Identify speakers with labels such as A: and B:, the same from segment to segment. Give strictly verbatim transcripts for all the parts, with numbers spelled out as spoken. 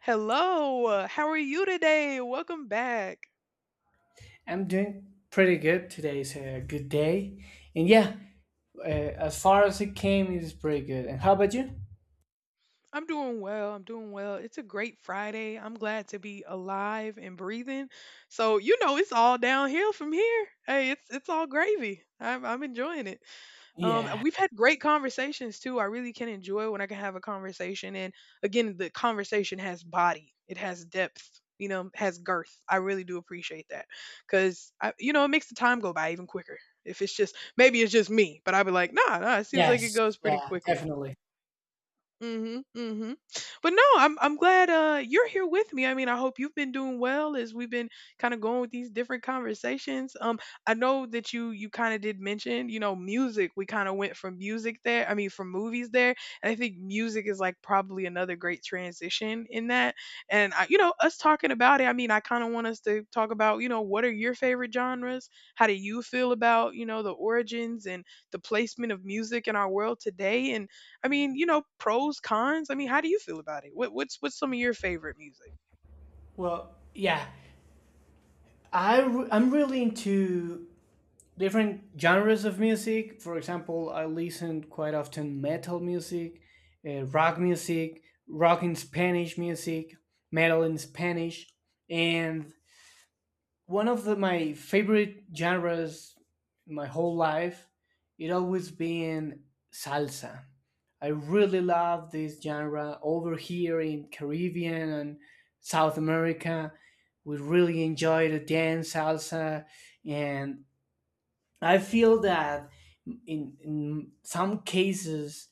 A: Hello, how are you today? Welcome back.
B: I'm doing pretty good. Today's a good day. And yeah, uh, as far as it came, it is pretty good. And how about you?
A: I'm doing well. I'm doing well. It's a great Friday. I'm glad to be alive and breathing. So, you know, it's all downhill from here. Hey, it's it's all gravy. I'm I'm enjoying it. Um, and
B: Yeah.
A: we've had great conversations too. I really can enjoy when I can have a conversation. And again, the conversation has body, it has depth, you know, has girth. I really do appreciate that because, you know, it makes the time go by even quicker. If it's just, maybe it's just me, but I'd be like, nah, nah, it seems like it
B: Yes.
A: goes pretty
B: Yeah,
A: quickly.
B: definitely.
A: Mhm, mhm. But no, I'm I'm glad uh you're here with me. I mean, I hope you've been doing well as we've been kind of going with these different conversations. Um, I know that you you kind of did mention, you know, music. We kind of went from music there. I mean, from movies there, and I think music is like probably another great transition in that. And I, you know, us talking about it. I mean, I kind of want us to talk about, you know, what are your favorite genres? How do you feel about, you know, the origins and the placement of music in our world today? And I mean, you know, pros, cons. I mean, how do you feel about it? What, what's what's some of your favorite music?
B: Well, yeah. I re- I'm really into different genres of music. For example, I listen quite often metal music, uh, rock music, rock in Spanish music, metal in Spanish, and one of the, my favorite genres my whole life it always been salsa. I really love this genre over here in Caribbean and South America. We really enjoy the dance salsa. And I feel that in, in some cases,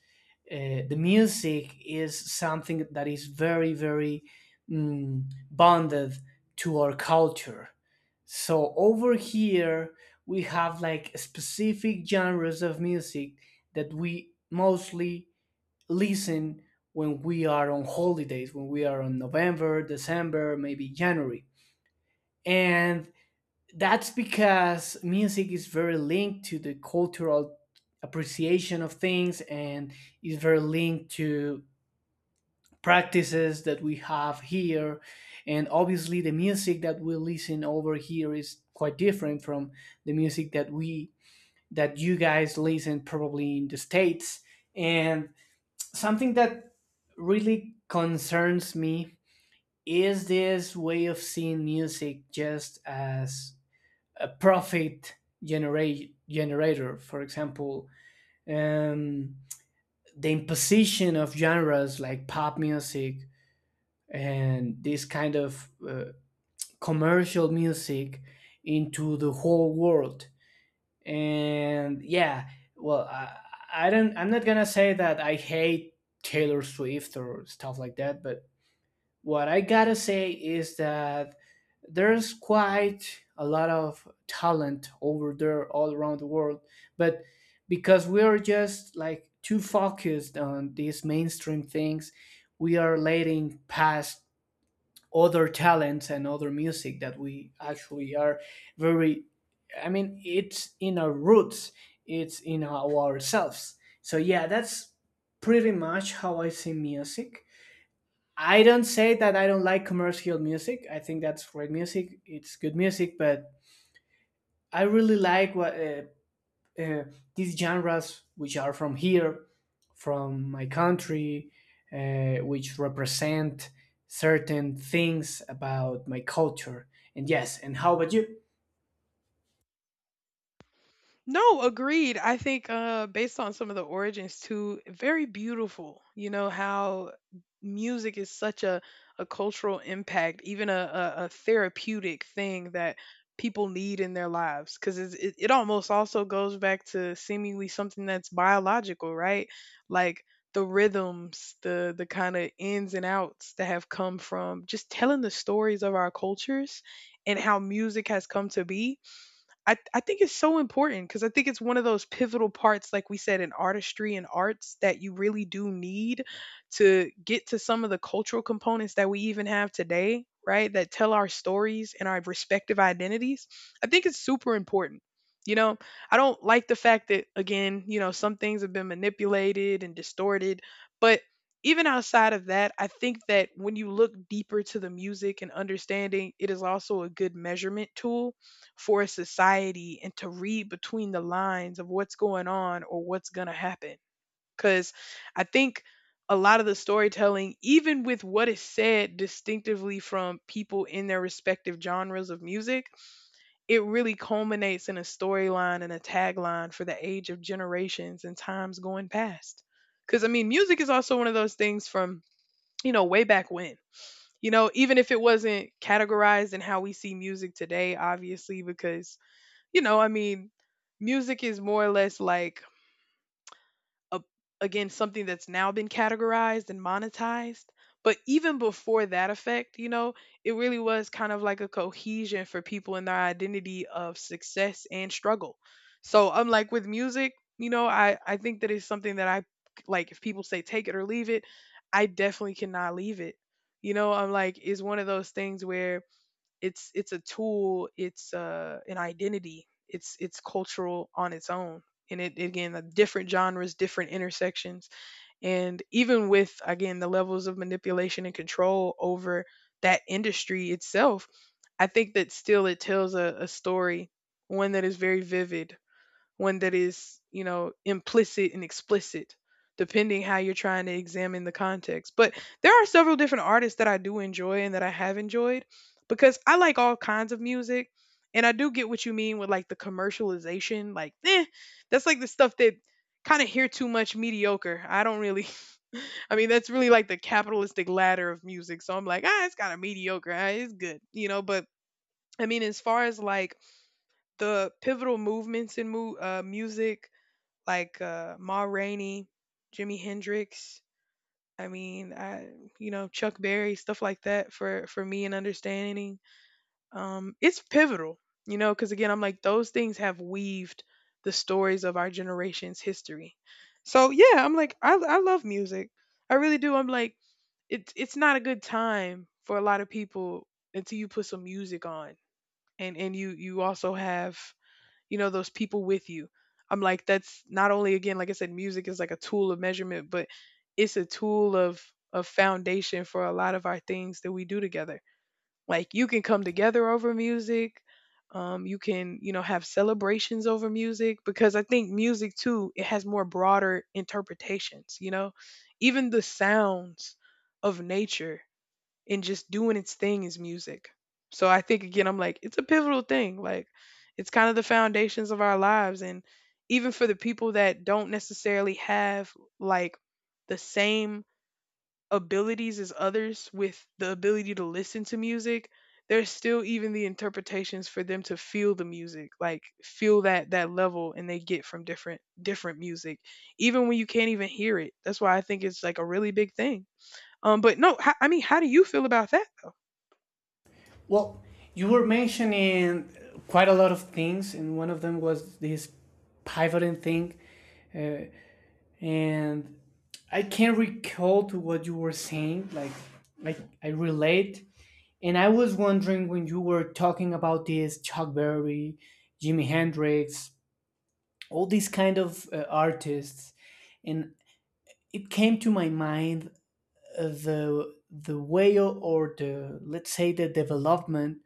B: uh, the music is something that is very, very mm, bonded to our culture. So over here, we have like specific genres of music that we mostly listen when we are on holidays, when we are on November, December, maybe January. And that's because music is very linked to the cultural appreciation of things and is very linked to practices that we have here. And obviously, the music that we listen over here is quite different from the music that we that you guys listen probably in the states. And something that really concerns me is this way of seeing music just as a profit generate generator. For example, um, the imposition of genres like pop music and this kind of uh, commercial music into the whole world. And yeah, well, I, I don't. I'm not gonna say that I hate Taylor Swift or stuff like that, but what I gotta say is that there's quite a lot of talent over there all around the world, but because we are just like too focused on these mainstream things, we are letting past other talents and other music that we actually are very. I mean, it's in our roots, it's in our ourselves. So yeah, that's pretty much how I see music. I don't say that I don't like commercial music. I think that's great music. It's good music, but I really like what uh, uh, these genres, which are from here, from my country, uh, which represent certain things about my culture. And yes, and how about you?
A: No, agreed. I think uh based on some of the origins too, very beautiful. You know how music is such a a cultural impact, even a a, a therapeutic thing that people need in their lives because it it almost also goes back to seemingly something that's biological, right? Like the rhythms, the the kind of ins and outs that have come from just telling the stories of our cultures and how music has come to be. I I think it's so important because I think it's one of those pivotal parts, like we said, in artistry and arts that you really do need to get to some of the cultural components that we even have today, right? That tell our stories and our respective identities. I think it's super important. You know, I don't like the fact that again, you know, some things have been manipulated and distorted, but even outside of that, I think that when you look deeper to the music and understanding, it is also a good measurement tool for society and to read between the lines of what's going on or what's going to happen. Because I think a lot of the storytelling, even with what is said distinctively from people in their respective genres of music, it really culminates in a storyline and a tagline for the age of generations and times going past. Because, I mean, music is also one of those things from, you know, way back when. You know, even if it wasn't categorized in how we see music today, obviously, because you know, I mean, music is more or less like a, again something that's now been categorized and monetized. But even before that effect, you know, it really was kind of like a cohesion for people in their identity of success and struggle. So I'm like with music, you know, I I think that it's something that I like. If people say take it or leave it, I definitely cannot leave it. You know, I'm like, it's one of those things where it's it's a tool. It's uh, an identity. It's it's cultural on its own. And it again, the different genres, different intersections, and even with again the levels of manipulation and control over that industry itself, I think that still it tells a, a story, one that is very vivid, one that is, you know, implicit and explicit, depending how you're trying to examine the context. But there are several different artists that I do enjoy and that I have enjoyed because I like all kinds of music. And I do get what you mean with like the commercialization. Like, eh, that's like the stuff that kind of hear too much mediocre. I don't really. I mean, that's really like the capitalistic ladder of music. So I'm like, ah, it's kind of mediocre. Ah, it's good, you know. But I mean, as far as like the pivotal movements in mu- uh, music like uh, Ma Rainey, Jimi Hendrix. I mean, I you know Chuck Berry stuff like that for for me and understanding. Um, it's pivotal, you know, because again, I'm like those things have weaved the stories of our generation's history. So yeah, I'm like I I love music, I really do. I'm like it's it's not a good time for a lot of people until you put some music on and and you you also have you know those people with you. I'm like that's not only again like I said music is like a tool of measurement, but it's a tool of of foundation for a lot of our things that we do together. Like you can come together over music. Um, you can you know have celebrations over music because I think music too it has more broader interpretations, you know, even the sounds of nature and just doing its thing is music. So I think again, I'm like, it's a pivotal thing. Like, it's kind of the foundations of our lives. And even for the people that don't necessarily have like the same abilities as others with the ability to listen to music, there's still even the interpretations for them to feel the music, like feel that that level and they get from different different music, even when you can't even hear it. That's why I think it's like a really big thing. Um, but no, ho- I mean, how do you feel about that?
B: Well, you were mentioning quite a lot of things, and one of them was this pivoting thing, and I can't recall to what you were saying. Like, like I relate, and I was wondering when you were talking about this Chuck Berry, Jimi Hendrix, all these kind of uh, artists, and it came to my mind uh, the the way or, or the let's say the development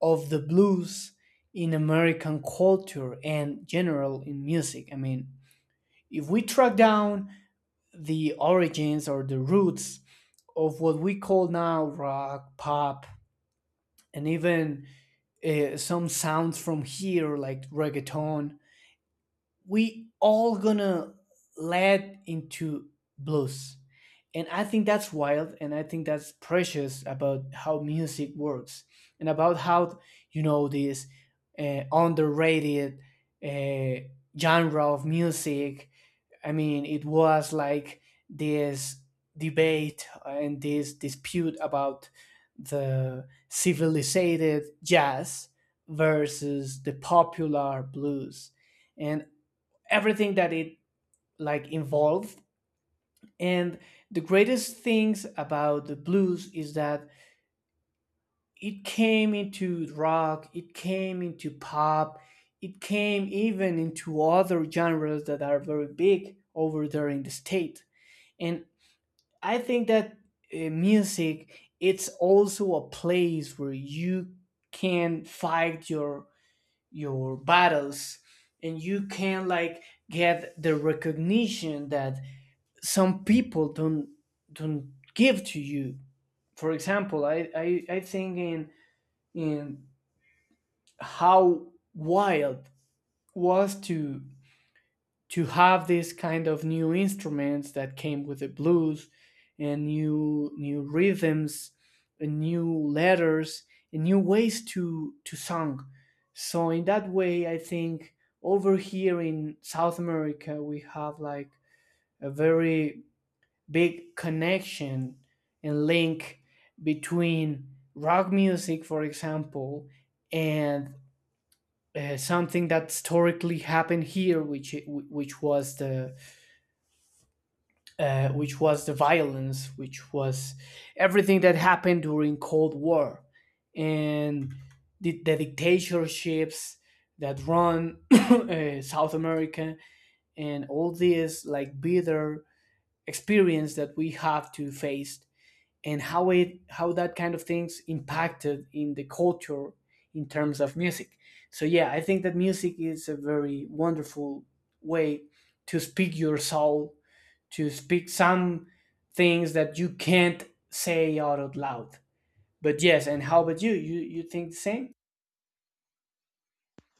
B: of the blues in American culture and general in music. I mean, if we track down the origins or the roots of what we call now rock, pop, and even uh, some sounds from here like reggaeton. We all gonna lead into blues, and I think that's wild, and I think that's precious about how music works, and about how you know this uh, underrated uh, genre of music. I mean, it was like this debate and this dispute about the civilized jazz versus the popular blues and everything that it like involved and the greatest things about the blues is that it came into rock, it came into pop, it came even into other genres that are very big over there in the state. And I think that uh, music it's also a place where you can fight your your battles and you can like get the recognition that some people don't don't give to you. For example, I I, I think in in how wild was to to have these kind of new instruments that came with the blues and new new rhythms and new letters and new ways to to song. So in that way I think over here in South America we have like a very big connection and link between rock music, for example, and uh, something that historically happened here, which which was the uh, which was the violence, which was everything that happened during Cold War, and the, the dictatorships that run uh, South America, and all this like bitter experience that we have to face and how it how that kind of things impacted in the culture in terms of music. So yeah, I think that music is a very wonderful way to speak your soul, to speak some things that you can't say out out loud. But yes, and how about you? You you think the same?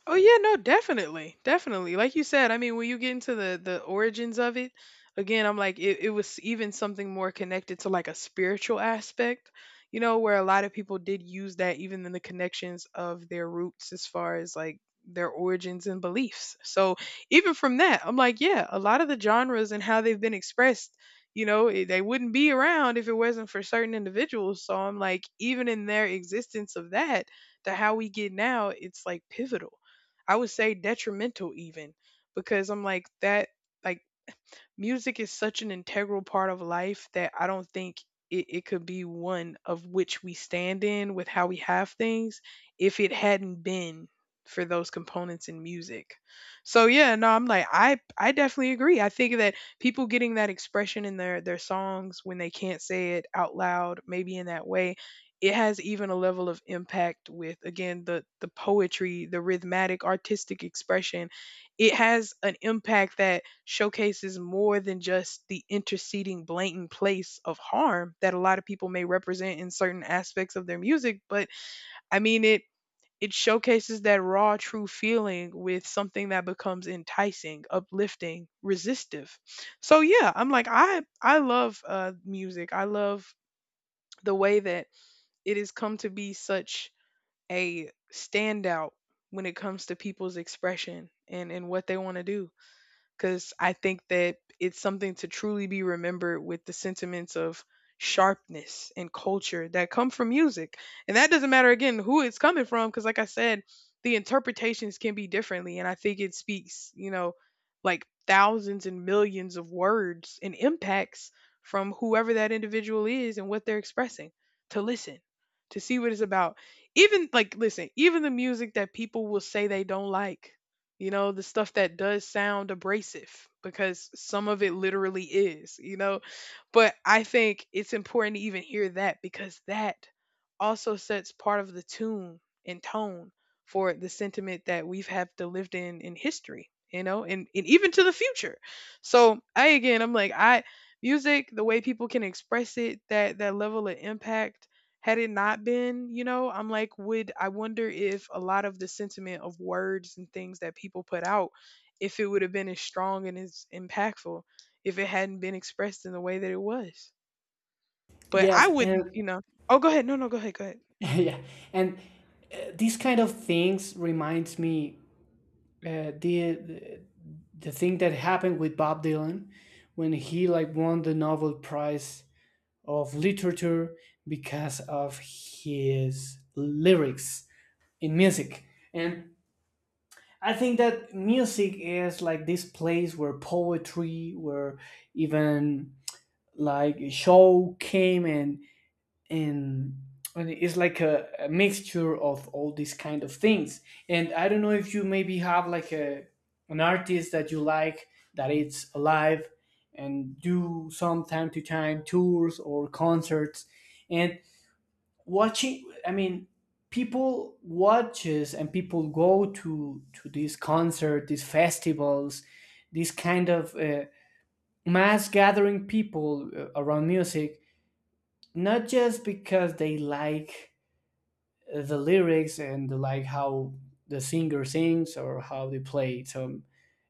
A: Oh yeah, no, definitely, definitely. Like you said, I mean, when you get into the the origins of it, again, I'm like, it, it was even something more connected to like a spiritual aspect, you know, where a lot of people did use that even in the connections of their roots as far as like their origins and beliefs. So even from that, I'm like, yeah, a lot of the genres and how they've been expressed, you know, eh, they wouldn't be around if it wasn't for certain individuals. So I'm like, even in their existence of that, to how we get now, it's like pivotal. I would say detrimental even because I'm like that like music is such an integral part of life that I don't think it, it could be one of which we stand in with how we have things if it hadn't been for those components in music. So yeah, no, I'm like I I definitely agree. I think that people getting that expression in their their songs when they can't say it out loud, maybe in that way, it has even a level of impact with again the the poetry, the rhythmic artistic expression. It has an impact that showcases more than just the interceding blatant place of harm that a lot of people may represent in certain aspects of their music, but I mean it it showcases that raw true feeling with something that becomes enticing, uplifting, resistive. So yeah, I'm like i i love uh music. I love the way that it has come to be such a standout when it comes to people's expression and and what they want to do because I think that it's something to truly be remembered with the sentiments of sharpness and culture that come from music. And that doesn't matter again who it's coming from, because like I said, the interpretations can be differently. And I think it speaks, you know, like thousands and millions of words and impacts from whoever that individual is and what they're expressing, to listen, to see what it's about. Even like, listen, even the music that people will say they don't like, you know, the stuff that does sound abrasive because some of it literally is, you know. But I think it's important to even hear that because that also sets part of the tune and tone for the sentiment that we've have to lived in in history, you know, and, and even to the future. So I again I'm like I music, the way people can express it, that that level of impact had it not been, you know, I'm like, would I wonder if a lot of the sentiment of words and things that people put out, if it would have been as strong and as impactful if it hadn't been expressed in the way that it was. But I
B: Yes,
A: wouldn't,
B: and
A: you know. Oh, go ahead. No, no, go ahead. Go ahead.
B: yeah, and uh, these kind of things reminds me uh, the the thing that happened with Bob Dylan when he like won the Nobel Prize of literature because of his lyrics in music. And I think that music is like this place where poetry, where even like show came and and and it's like a, a mixture of all these kind of things. And I don't know if you maybe have like a an artist that you like that it's alive and do some time to time tours or concerts. And watching, I mean, people watches and people go to to these concert, these festivals, these kind of uh, mass gathering people uh, around music, not just because they like the lyrics and like how the singer sings or how they play some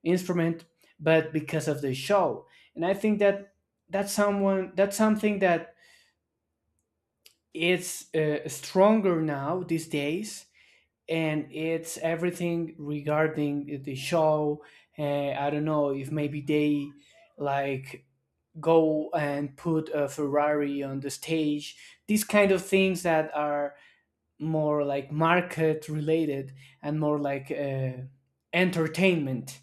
B: instrument, but because of the show. And I think that that's someone that's something that it's uh, stronger now these days, and it's everything regarding the show. uh, I don't know if maybe they like go and put a Ferrari on the stage, these kind of things that are more like market related and more like uh, entertainment.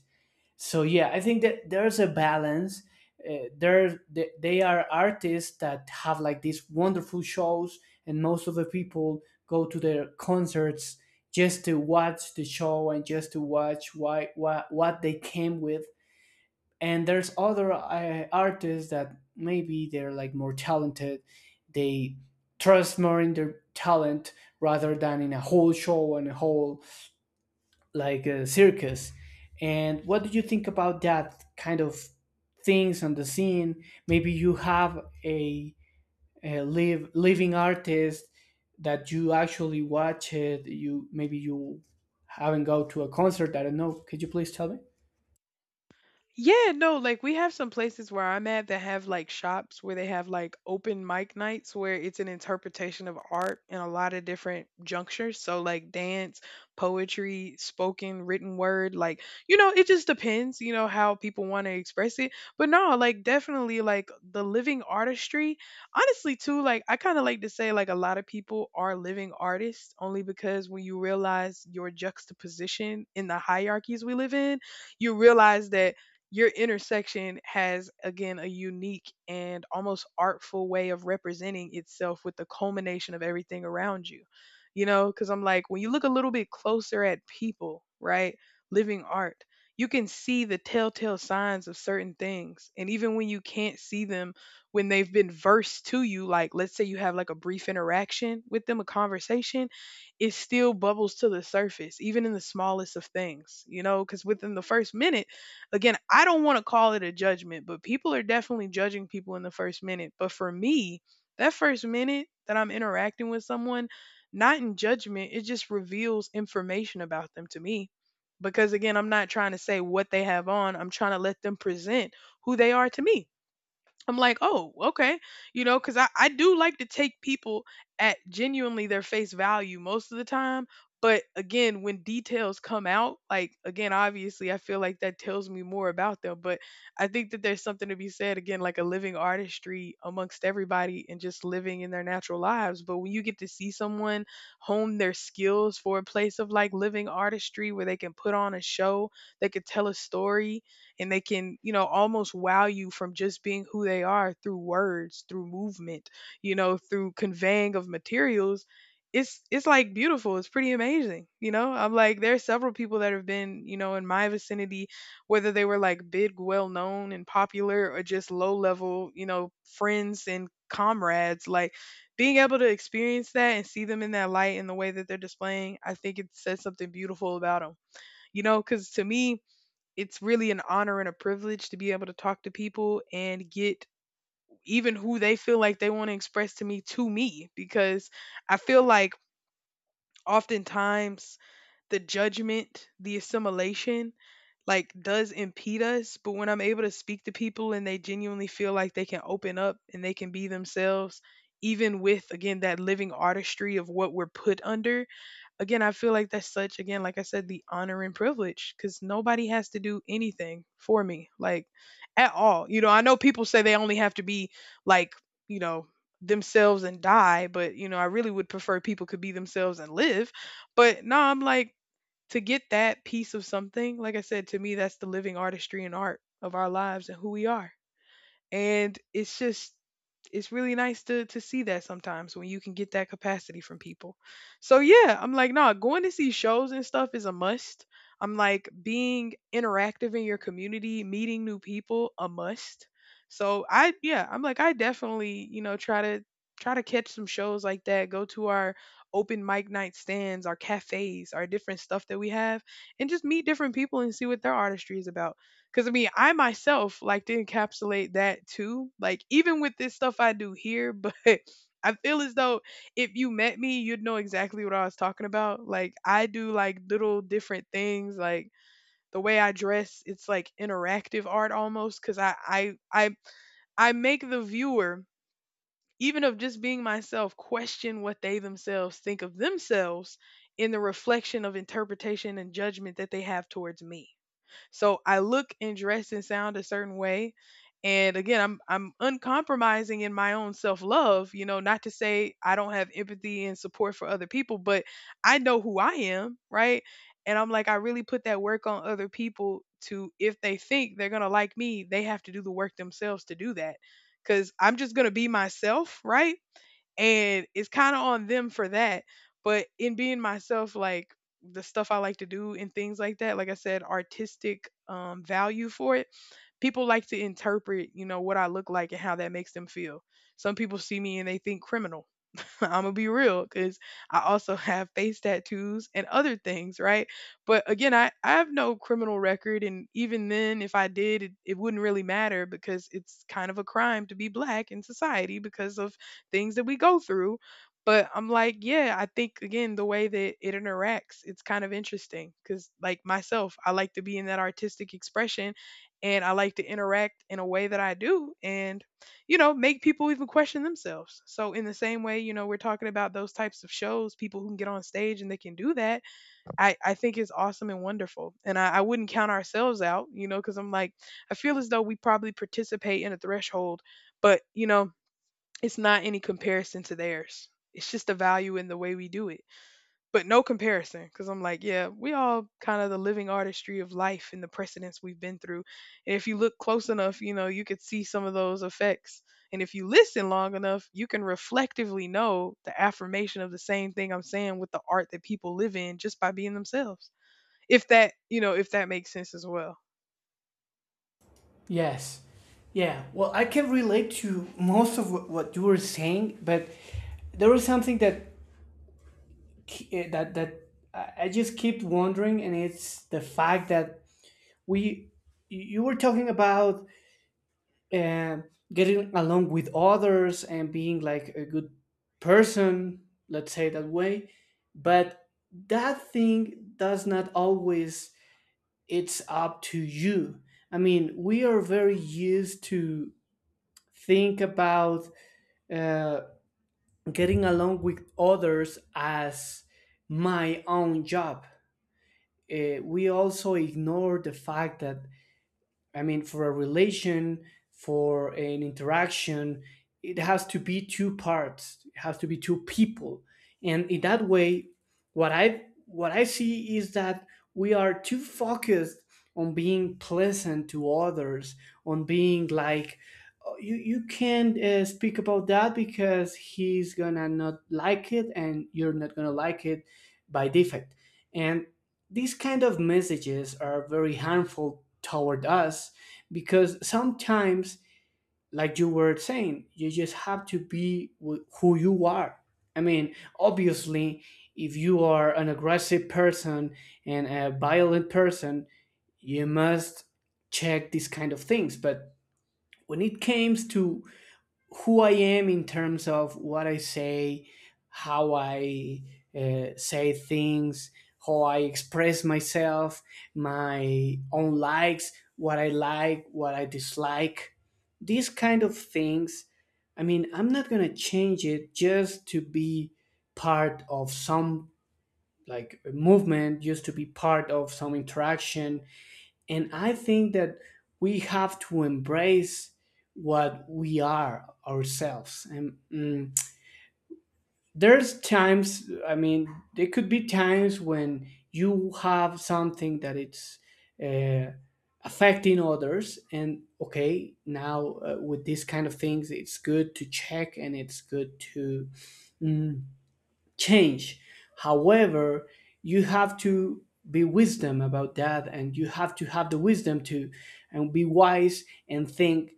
B: So yeah, I think that there's a balance. Uh, there, th- they are artists that have like these wonderful shows, and most of the people go to their concerts just to watch the show and just to watch why, why what they came with. And there's other uh, artists that maybe they're like more talented. They trust more in their talent rather than in a whole show and a whole like a circus. And what do you think about that kind of things on the scene? Maybe you have a, a live living artist that you actually watch it. You maybe you haven't go to a concert, I don't know, could you please tell me?
A: Yeah, no, like we have some places where I'm at that have like shops where they have like open mic nights where it's an interpretation of art in a lot of different junctures. So like dance, poetry, spoken, written word, like, you know, it just depends, you know, how people want to express it. But no, like definitely like the living artistry. Honestly, too, like I kind of like to say like a lot of people are living artists only because when you realize your juxtaposition in the hierarchies we live in, you realize that your intersection has again a unique and almost artful way of representing itself with the culmination of everything around you. You know, because I'm like, when you look a little bit closer at people, right, living art, you can see the telltale signs of certain things, and even when you can't see them, when they've been versed to you, like let's say you have like a brief interaction with them, a conversation, it still bubbles to the surface even in the smallest of things, you know, because within the first minute, again, I don't want to call it a judgment, but people are definitely judging people in the first minute. But for me, that first minute that I'm interacting with someone, not in judgment, it just reveals information about them to me. Because again, I'm not trying to say what they have on, I'm trying to let them present who they are to me. I'm like, oh, okay. You know, because I, I do like to take people at genuinely their face value most of the time. But again, when details come out, like, again, obviously, I feel like that tells me more about them. But I think that there's something to be said, again, like a living artistry amongst everybody and just living in their natural lives. But when you get to see someone hone their skills for a place of like living artistry where they can put on a show, they could tell a story, and they can, you know, almost wow you from just being who they are through words, through movement, you know, through conveying of materials. It's it's like beautiful. It's pretty amazing. You know, I'm like there are several people that have been, you know, in my vicinity, whether they were like big, well known and popular or just low level, you know, friends and comrades, like being able to experience that and see them in that light and the way that they're displaying, I think it says something beautiful about them. You know, because to me, it's really an honor and a privilege to be able to talk to people and get even who they feel like they want to express to me to me, because I feel like oftentimes the judgment, the assimilation, like does impede us. But when I'm able to speak to people and they genuinely feel like they can open up and they can be themselves, even with again that living artistry of what we're put under, again, I feel like that's such, again, like I said, the honor and privilege, because nobody has to do anything for me, like at all. You know, I know people say they only have to be like, you know, themselves and die, but, you know, I really would prefer people could be themselves and live. But no, I'm like, to get that piece of something, like I said, to me, that's the living artistry and art of our lives and who we are, and it's just, it's really nice to to see that sometimes when you can get that capacity from people. So yeah, I'm like, nah, going to see shows and stuff is a must. I'm like being interactive in your community, meeting new people, a must. So I, yeah, I'm like I definitely, you know, try to try to catch some shows like that, go to our open mic night stands, our cafes, our different stuff that we have, and just meet different people and see what their artistry is about. Because I mean, I myself like to encapsulate that too. Like, even with this stuff I do here, but I feel as though if you met me, you'd know exactly what I was talking about. Like, I do like little different things. Like, the way I dress, it's like interactive art almost because I, I, I, I make the viewer, even of just being myself, question what they themselves think of themselves in the reflection of interpretation and judgment that they have towards me. So I look and dress and sound a certain way. And again, I'm I'm uncompromising in my own self-love, you know, not to say I don't have empathy and support for other people, but I know who I am, right? And I'm like, I really put that work on other people to if they think they're gonna like me, they have to do the work themselves to do that. Cause I'm just gonna be myself, right? And it's kind of on them for that, but in being myself, like the stuff I like to do and things like that, like I said, artistic um value for it, people like to interpret, you know, what I look like and how that makes them feel. Some people see me and they think criminal. I'm gonna be real because I also have face tattoos and other things, right? But again, I, I have no criminal record, and even then, if I did, it, it wouldn't really matter because it's kind of a crime to be black in society because of things that we go through. But I'm like, yeah, I think again, the way that it interacts, it's kind of interesting because, like myself, I like to be in that artistic expression and I like to interact in a way that I do. And you know, make people even question themselves. So, in the same way, you know, we're talking about those types of shows, people who can get on stage and they can do that. I, I think is awesome and wonderful. And I, I wouldn't count ourselves out, you know, because I'm like, I feel as though we probably participate in a threshold, but, you know, it's not any comparison to theirs. It's just the value in the way we do it, but no comparison, because I'm like, yeah, we all kind of the living artistry of life and the precedents we've been through. And if you look close enough, you know, you could see some of those effects. And if you listen long enough, you can reflectively know the affirmation of the same thing I'm saying with the art that people live in just by being themselves, if that, you know, if that makes sense as well.
B: Yes. Yeah. Well, I can relate to most of what what you were saying, but there was something that ke- eh, that that I I just keep wondering, and it's the fact that we you were talking about um getting along with others and being like a good person, let's say that way, but that thing does not always it's up to you. I mean, we are very used to think about uh, getting along with others as my own job. Uh, we also ignore the fact that I mean, for a relation, for an interaction, it has to be two parts. It has to be two people, and in that way, what I what I see is that we are too focused on being pleasant to others, on being like, "Oh, you you can't uh, speak about that because he's gonna not like it, and you're not gonna like it by defect, and these kind of messages are very harmful toward us because sometimes, like you were saying, you just have to be wh- who you are. I mean, obviously, if you are an aggressive person and a violent person, you must check these kind of things. But when it comes to who I am in terms of what I say, how I uh, say things, how I express myself, my own likes, what I like, what I dislike, these kind of things. I mean, I'm not going to change it just to be part of some like movement, just to be part of some interaction. And I think that we have to embrace what we are ourselves. And mm, there's times, I mean, there could be times when you have something that it's uh, affecting others. And okay, now uh, with these kind of things, it's good to check and it's good to mm, change. However, you have to be wisdom about that and you have to have the wisdom to and be wise and think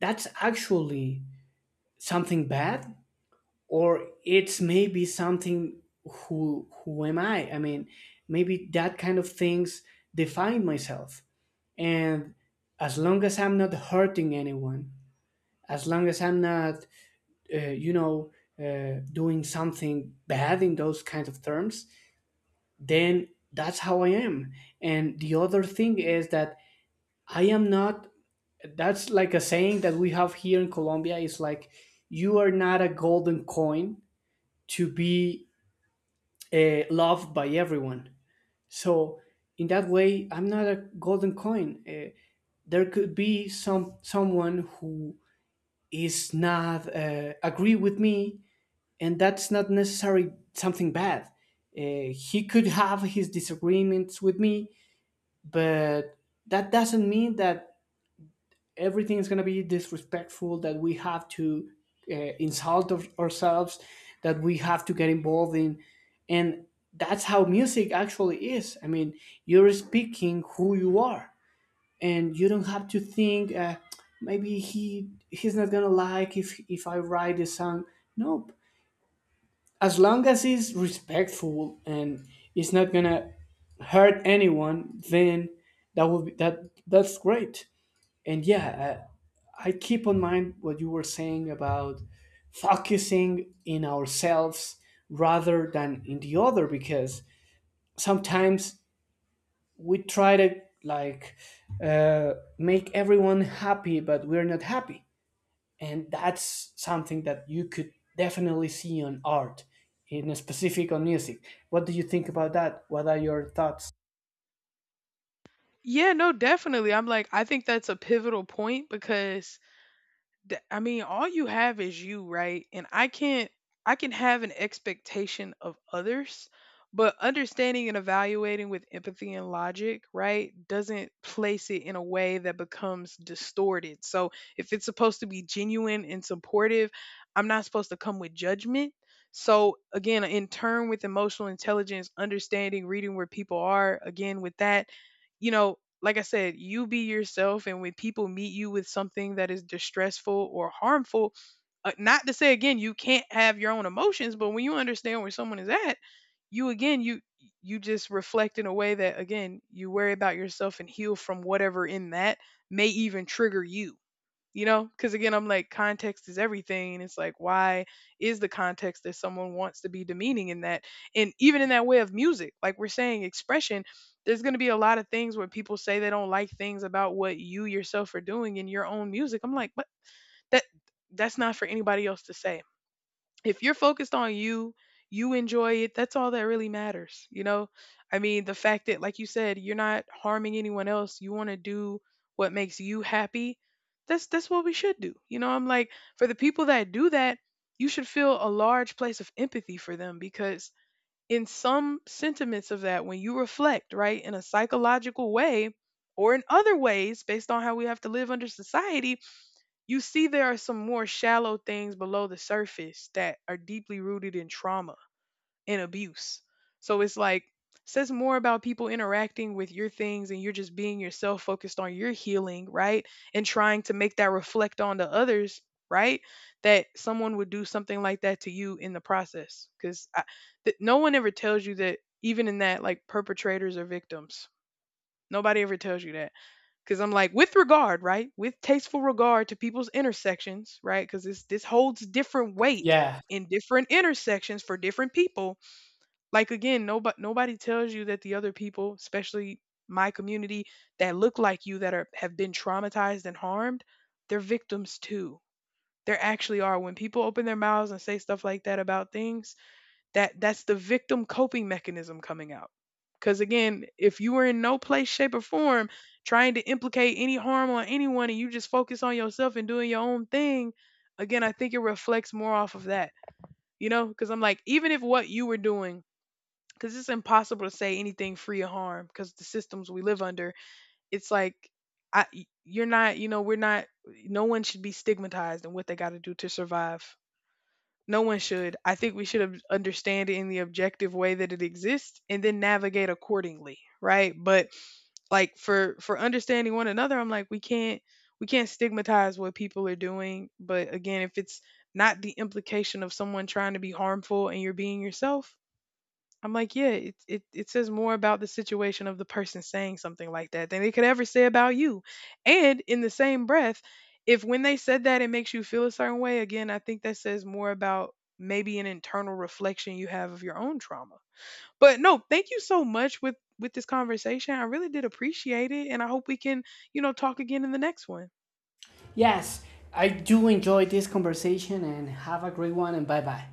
B: that's actually something bad or it's maybe something who who am I? I mean, maybe that kind of things define myself. And as long as I'm not hurting anyone, as long as I'm not, uh, you know, uh, doing something bad in those kinds of terms, then that's how I am. And the other thing is that I am not, that's like a saying that we have here in Colombia is like, you are not a golden coin to be uh, loved by everyone. So, in that way, I'm not a golden coin. Uh, there could be some someone who is not uh, agree with me, and that's not necessarily something bad. Uh, he could have his disagreements with me, but that doesn't mean that everything is going to be disrespectful, that we have to uh, insult our- ourselves, that we have to get involved in. And that's how music actually is. I mean, you're speaking who you are, and you don't have to think uh, maybe he he's not gonna like if if I write a song. No, as long as it's respectful and it's not gonna hurt anyone, then that will be, that that's great. And yeah, I, I keep on mind what you were saying about focusing in ourselves rather than in the other, because sometimes we try to like uh, make everyone happy, but we're not happy. And that's something that you could definitely see on art, in specific on music. What do you think about that? What are your thoughts?
A: Yeah, no, definitely, I'm like, I think that's a pivotal point because Th I mean, all you have is you, right? And I can't I can have an expectation of others, but understanding and evaluating with empathy and logic, right, doesn't place it in a way that becomes distorted. So if it's supposed to be genuine and supportive, I'm not supposed to come with judgment. So again, in turn with emotional intelligence, understanding, reading where people are, again with that, you know, like I said, you be yourself. And when people meet you with something that is distressful or harmful, uh, not to say again, you can't have your own emotions, but when you understand where someone is at, you again, you, you just reflect in a way that again, you worry about yourself and heal from whatever in that may even trigger you. You know, because again, I'm like, context is everything, and it's like, why is the context that someone wants to be demeaning in that? And even in that way of music, like we're saying, expression, there's going to be a lot of things where people say they don't like things about what you yourself are doing in your own music. I'm like, but that that's not for anybody else to say. If you're focused on you, you enjoy it, that's all that really matters, you know? I mean, the fact that, like you said, you're not harming anyone else, you want to do what makes you happy, that's that's what we should do. You know, I'm like, for the people that do that, you should feel a large place of empathy for them because in some sentiments of that, when you reflect, right, in a psychological way or in other ways, based on how we have to live under society, you see, there are some more shallow things below the surface that are deeply rooted in trauma and abuse. So it's like, says more about people interacting with your things and you're just being yourself focused on your healing, right? And trying to make that reflect on the others, right? That someone would do something like that to you in the process. Because th- no one ever tells you that, even in that, like perpetrators are victims. Nobody ever tells you that, because I'm like, with regard, right? With tasteful regard to people's intersections, right? Because this this holds different weight
B: Yeah.
A: in different intersections for different people. Like again, nobody nobody tells you that the other people, especially my community, that look like you that are have been traumatized and harmed, they're victims too. There actually are. When people open their mouths and say stuff like that about things, that that's the victim coping mechanism coming out. Cuz again, if you were in no place shape or form trying to implicate any harm on anyone and you just focus on yourself and doing your own thing, again, I think it reflects more off of that. You know, cuz I'm like even if what you were doing, cuz it's impossible to say anything free of harm cuz the systems we live under, it's like I you're not, you know, we're not no one should be stigmatized in what they got to do to survive. No one should. I think we should ob- understand it in the objective way that it exists and then navigate accordingly, right? But like for for understanding one another, I'm like we can't we can't stigmatize what people are doing, but again, if it's not the implication of someone trying to be harmful and you're being yourself, I'm like, yeah, it, it, it says more about the situation of the person saying something like that than they could ever say about you. And in the same breath, if when they said that, it makes you feel a certain way, again, I think that says more about maybe an internal reflection you have of your own trauma. But no, thank you so much with with this conversation. I really did appreciate it, and I hope we can, you know, talk again in the next one.
B: Yes, I do enjoy this conversation and have a great one and bye bye.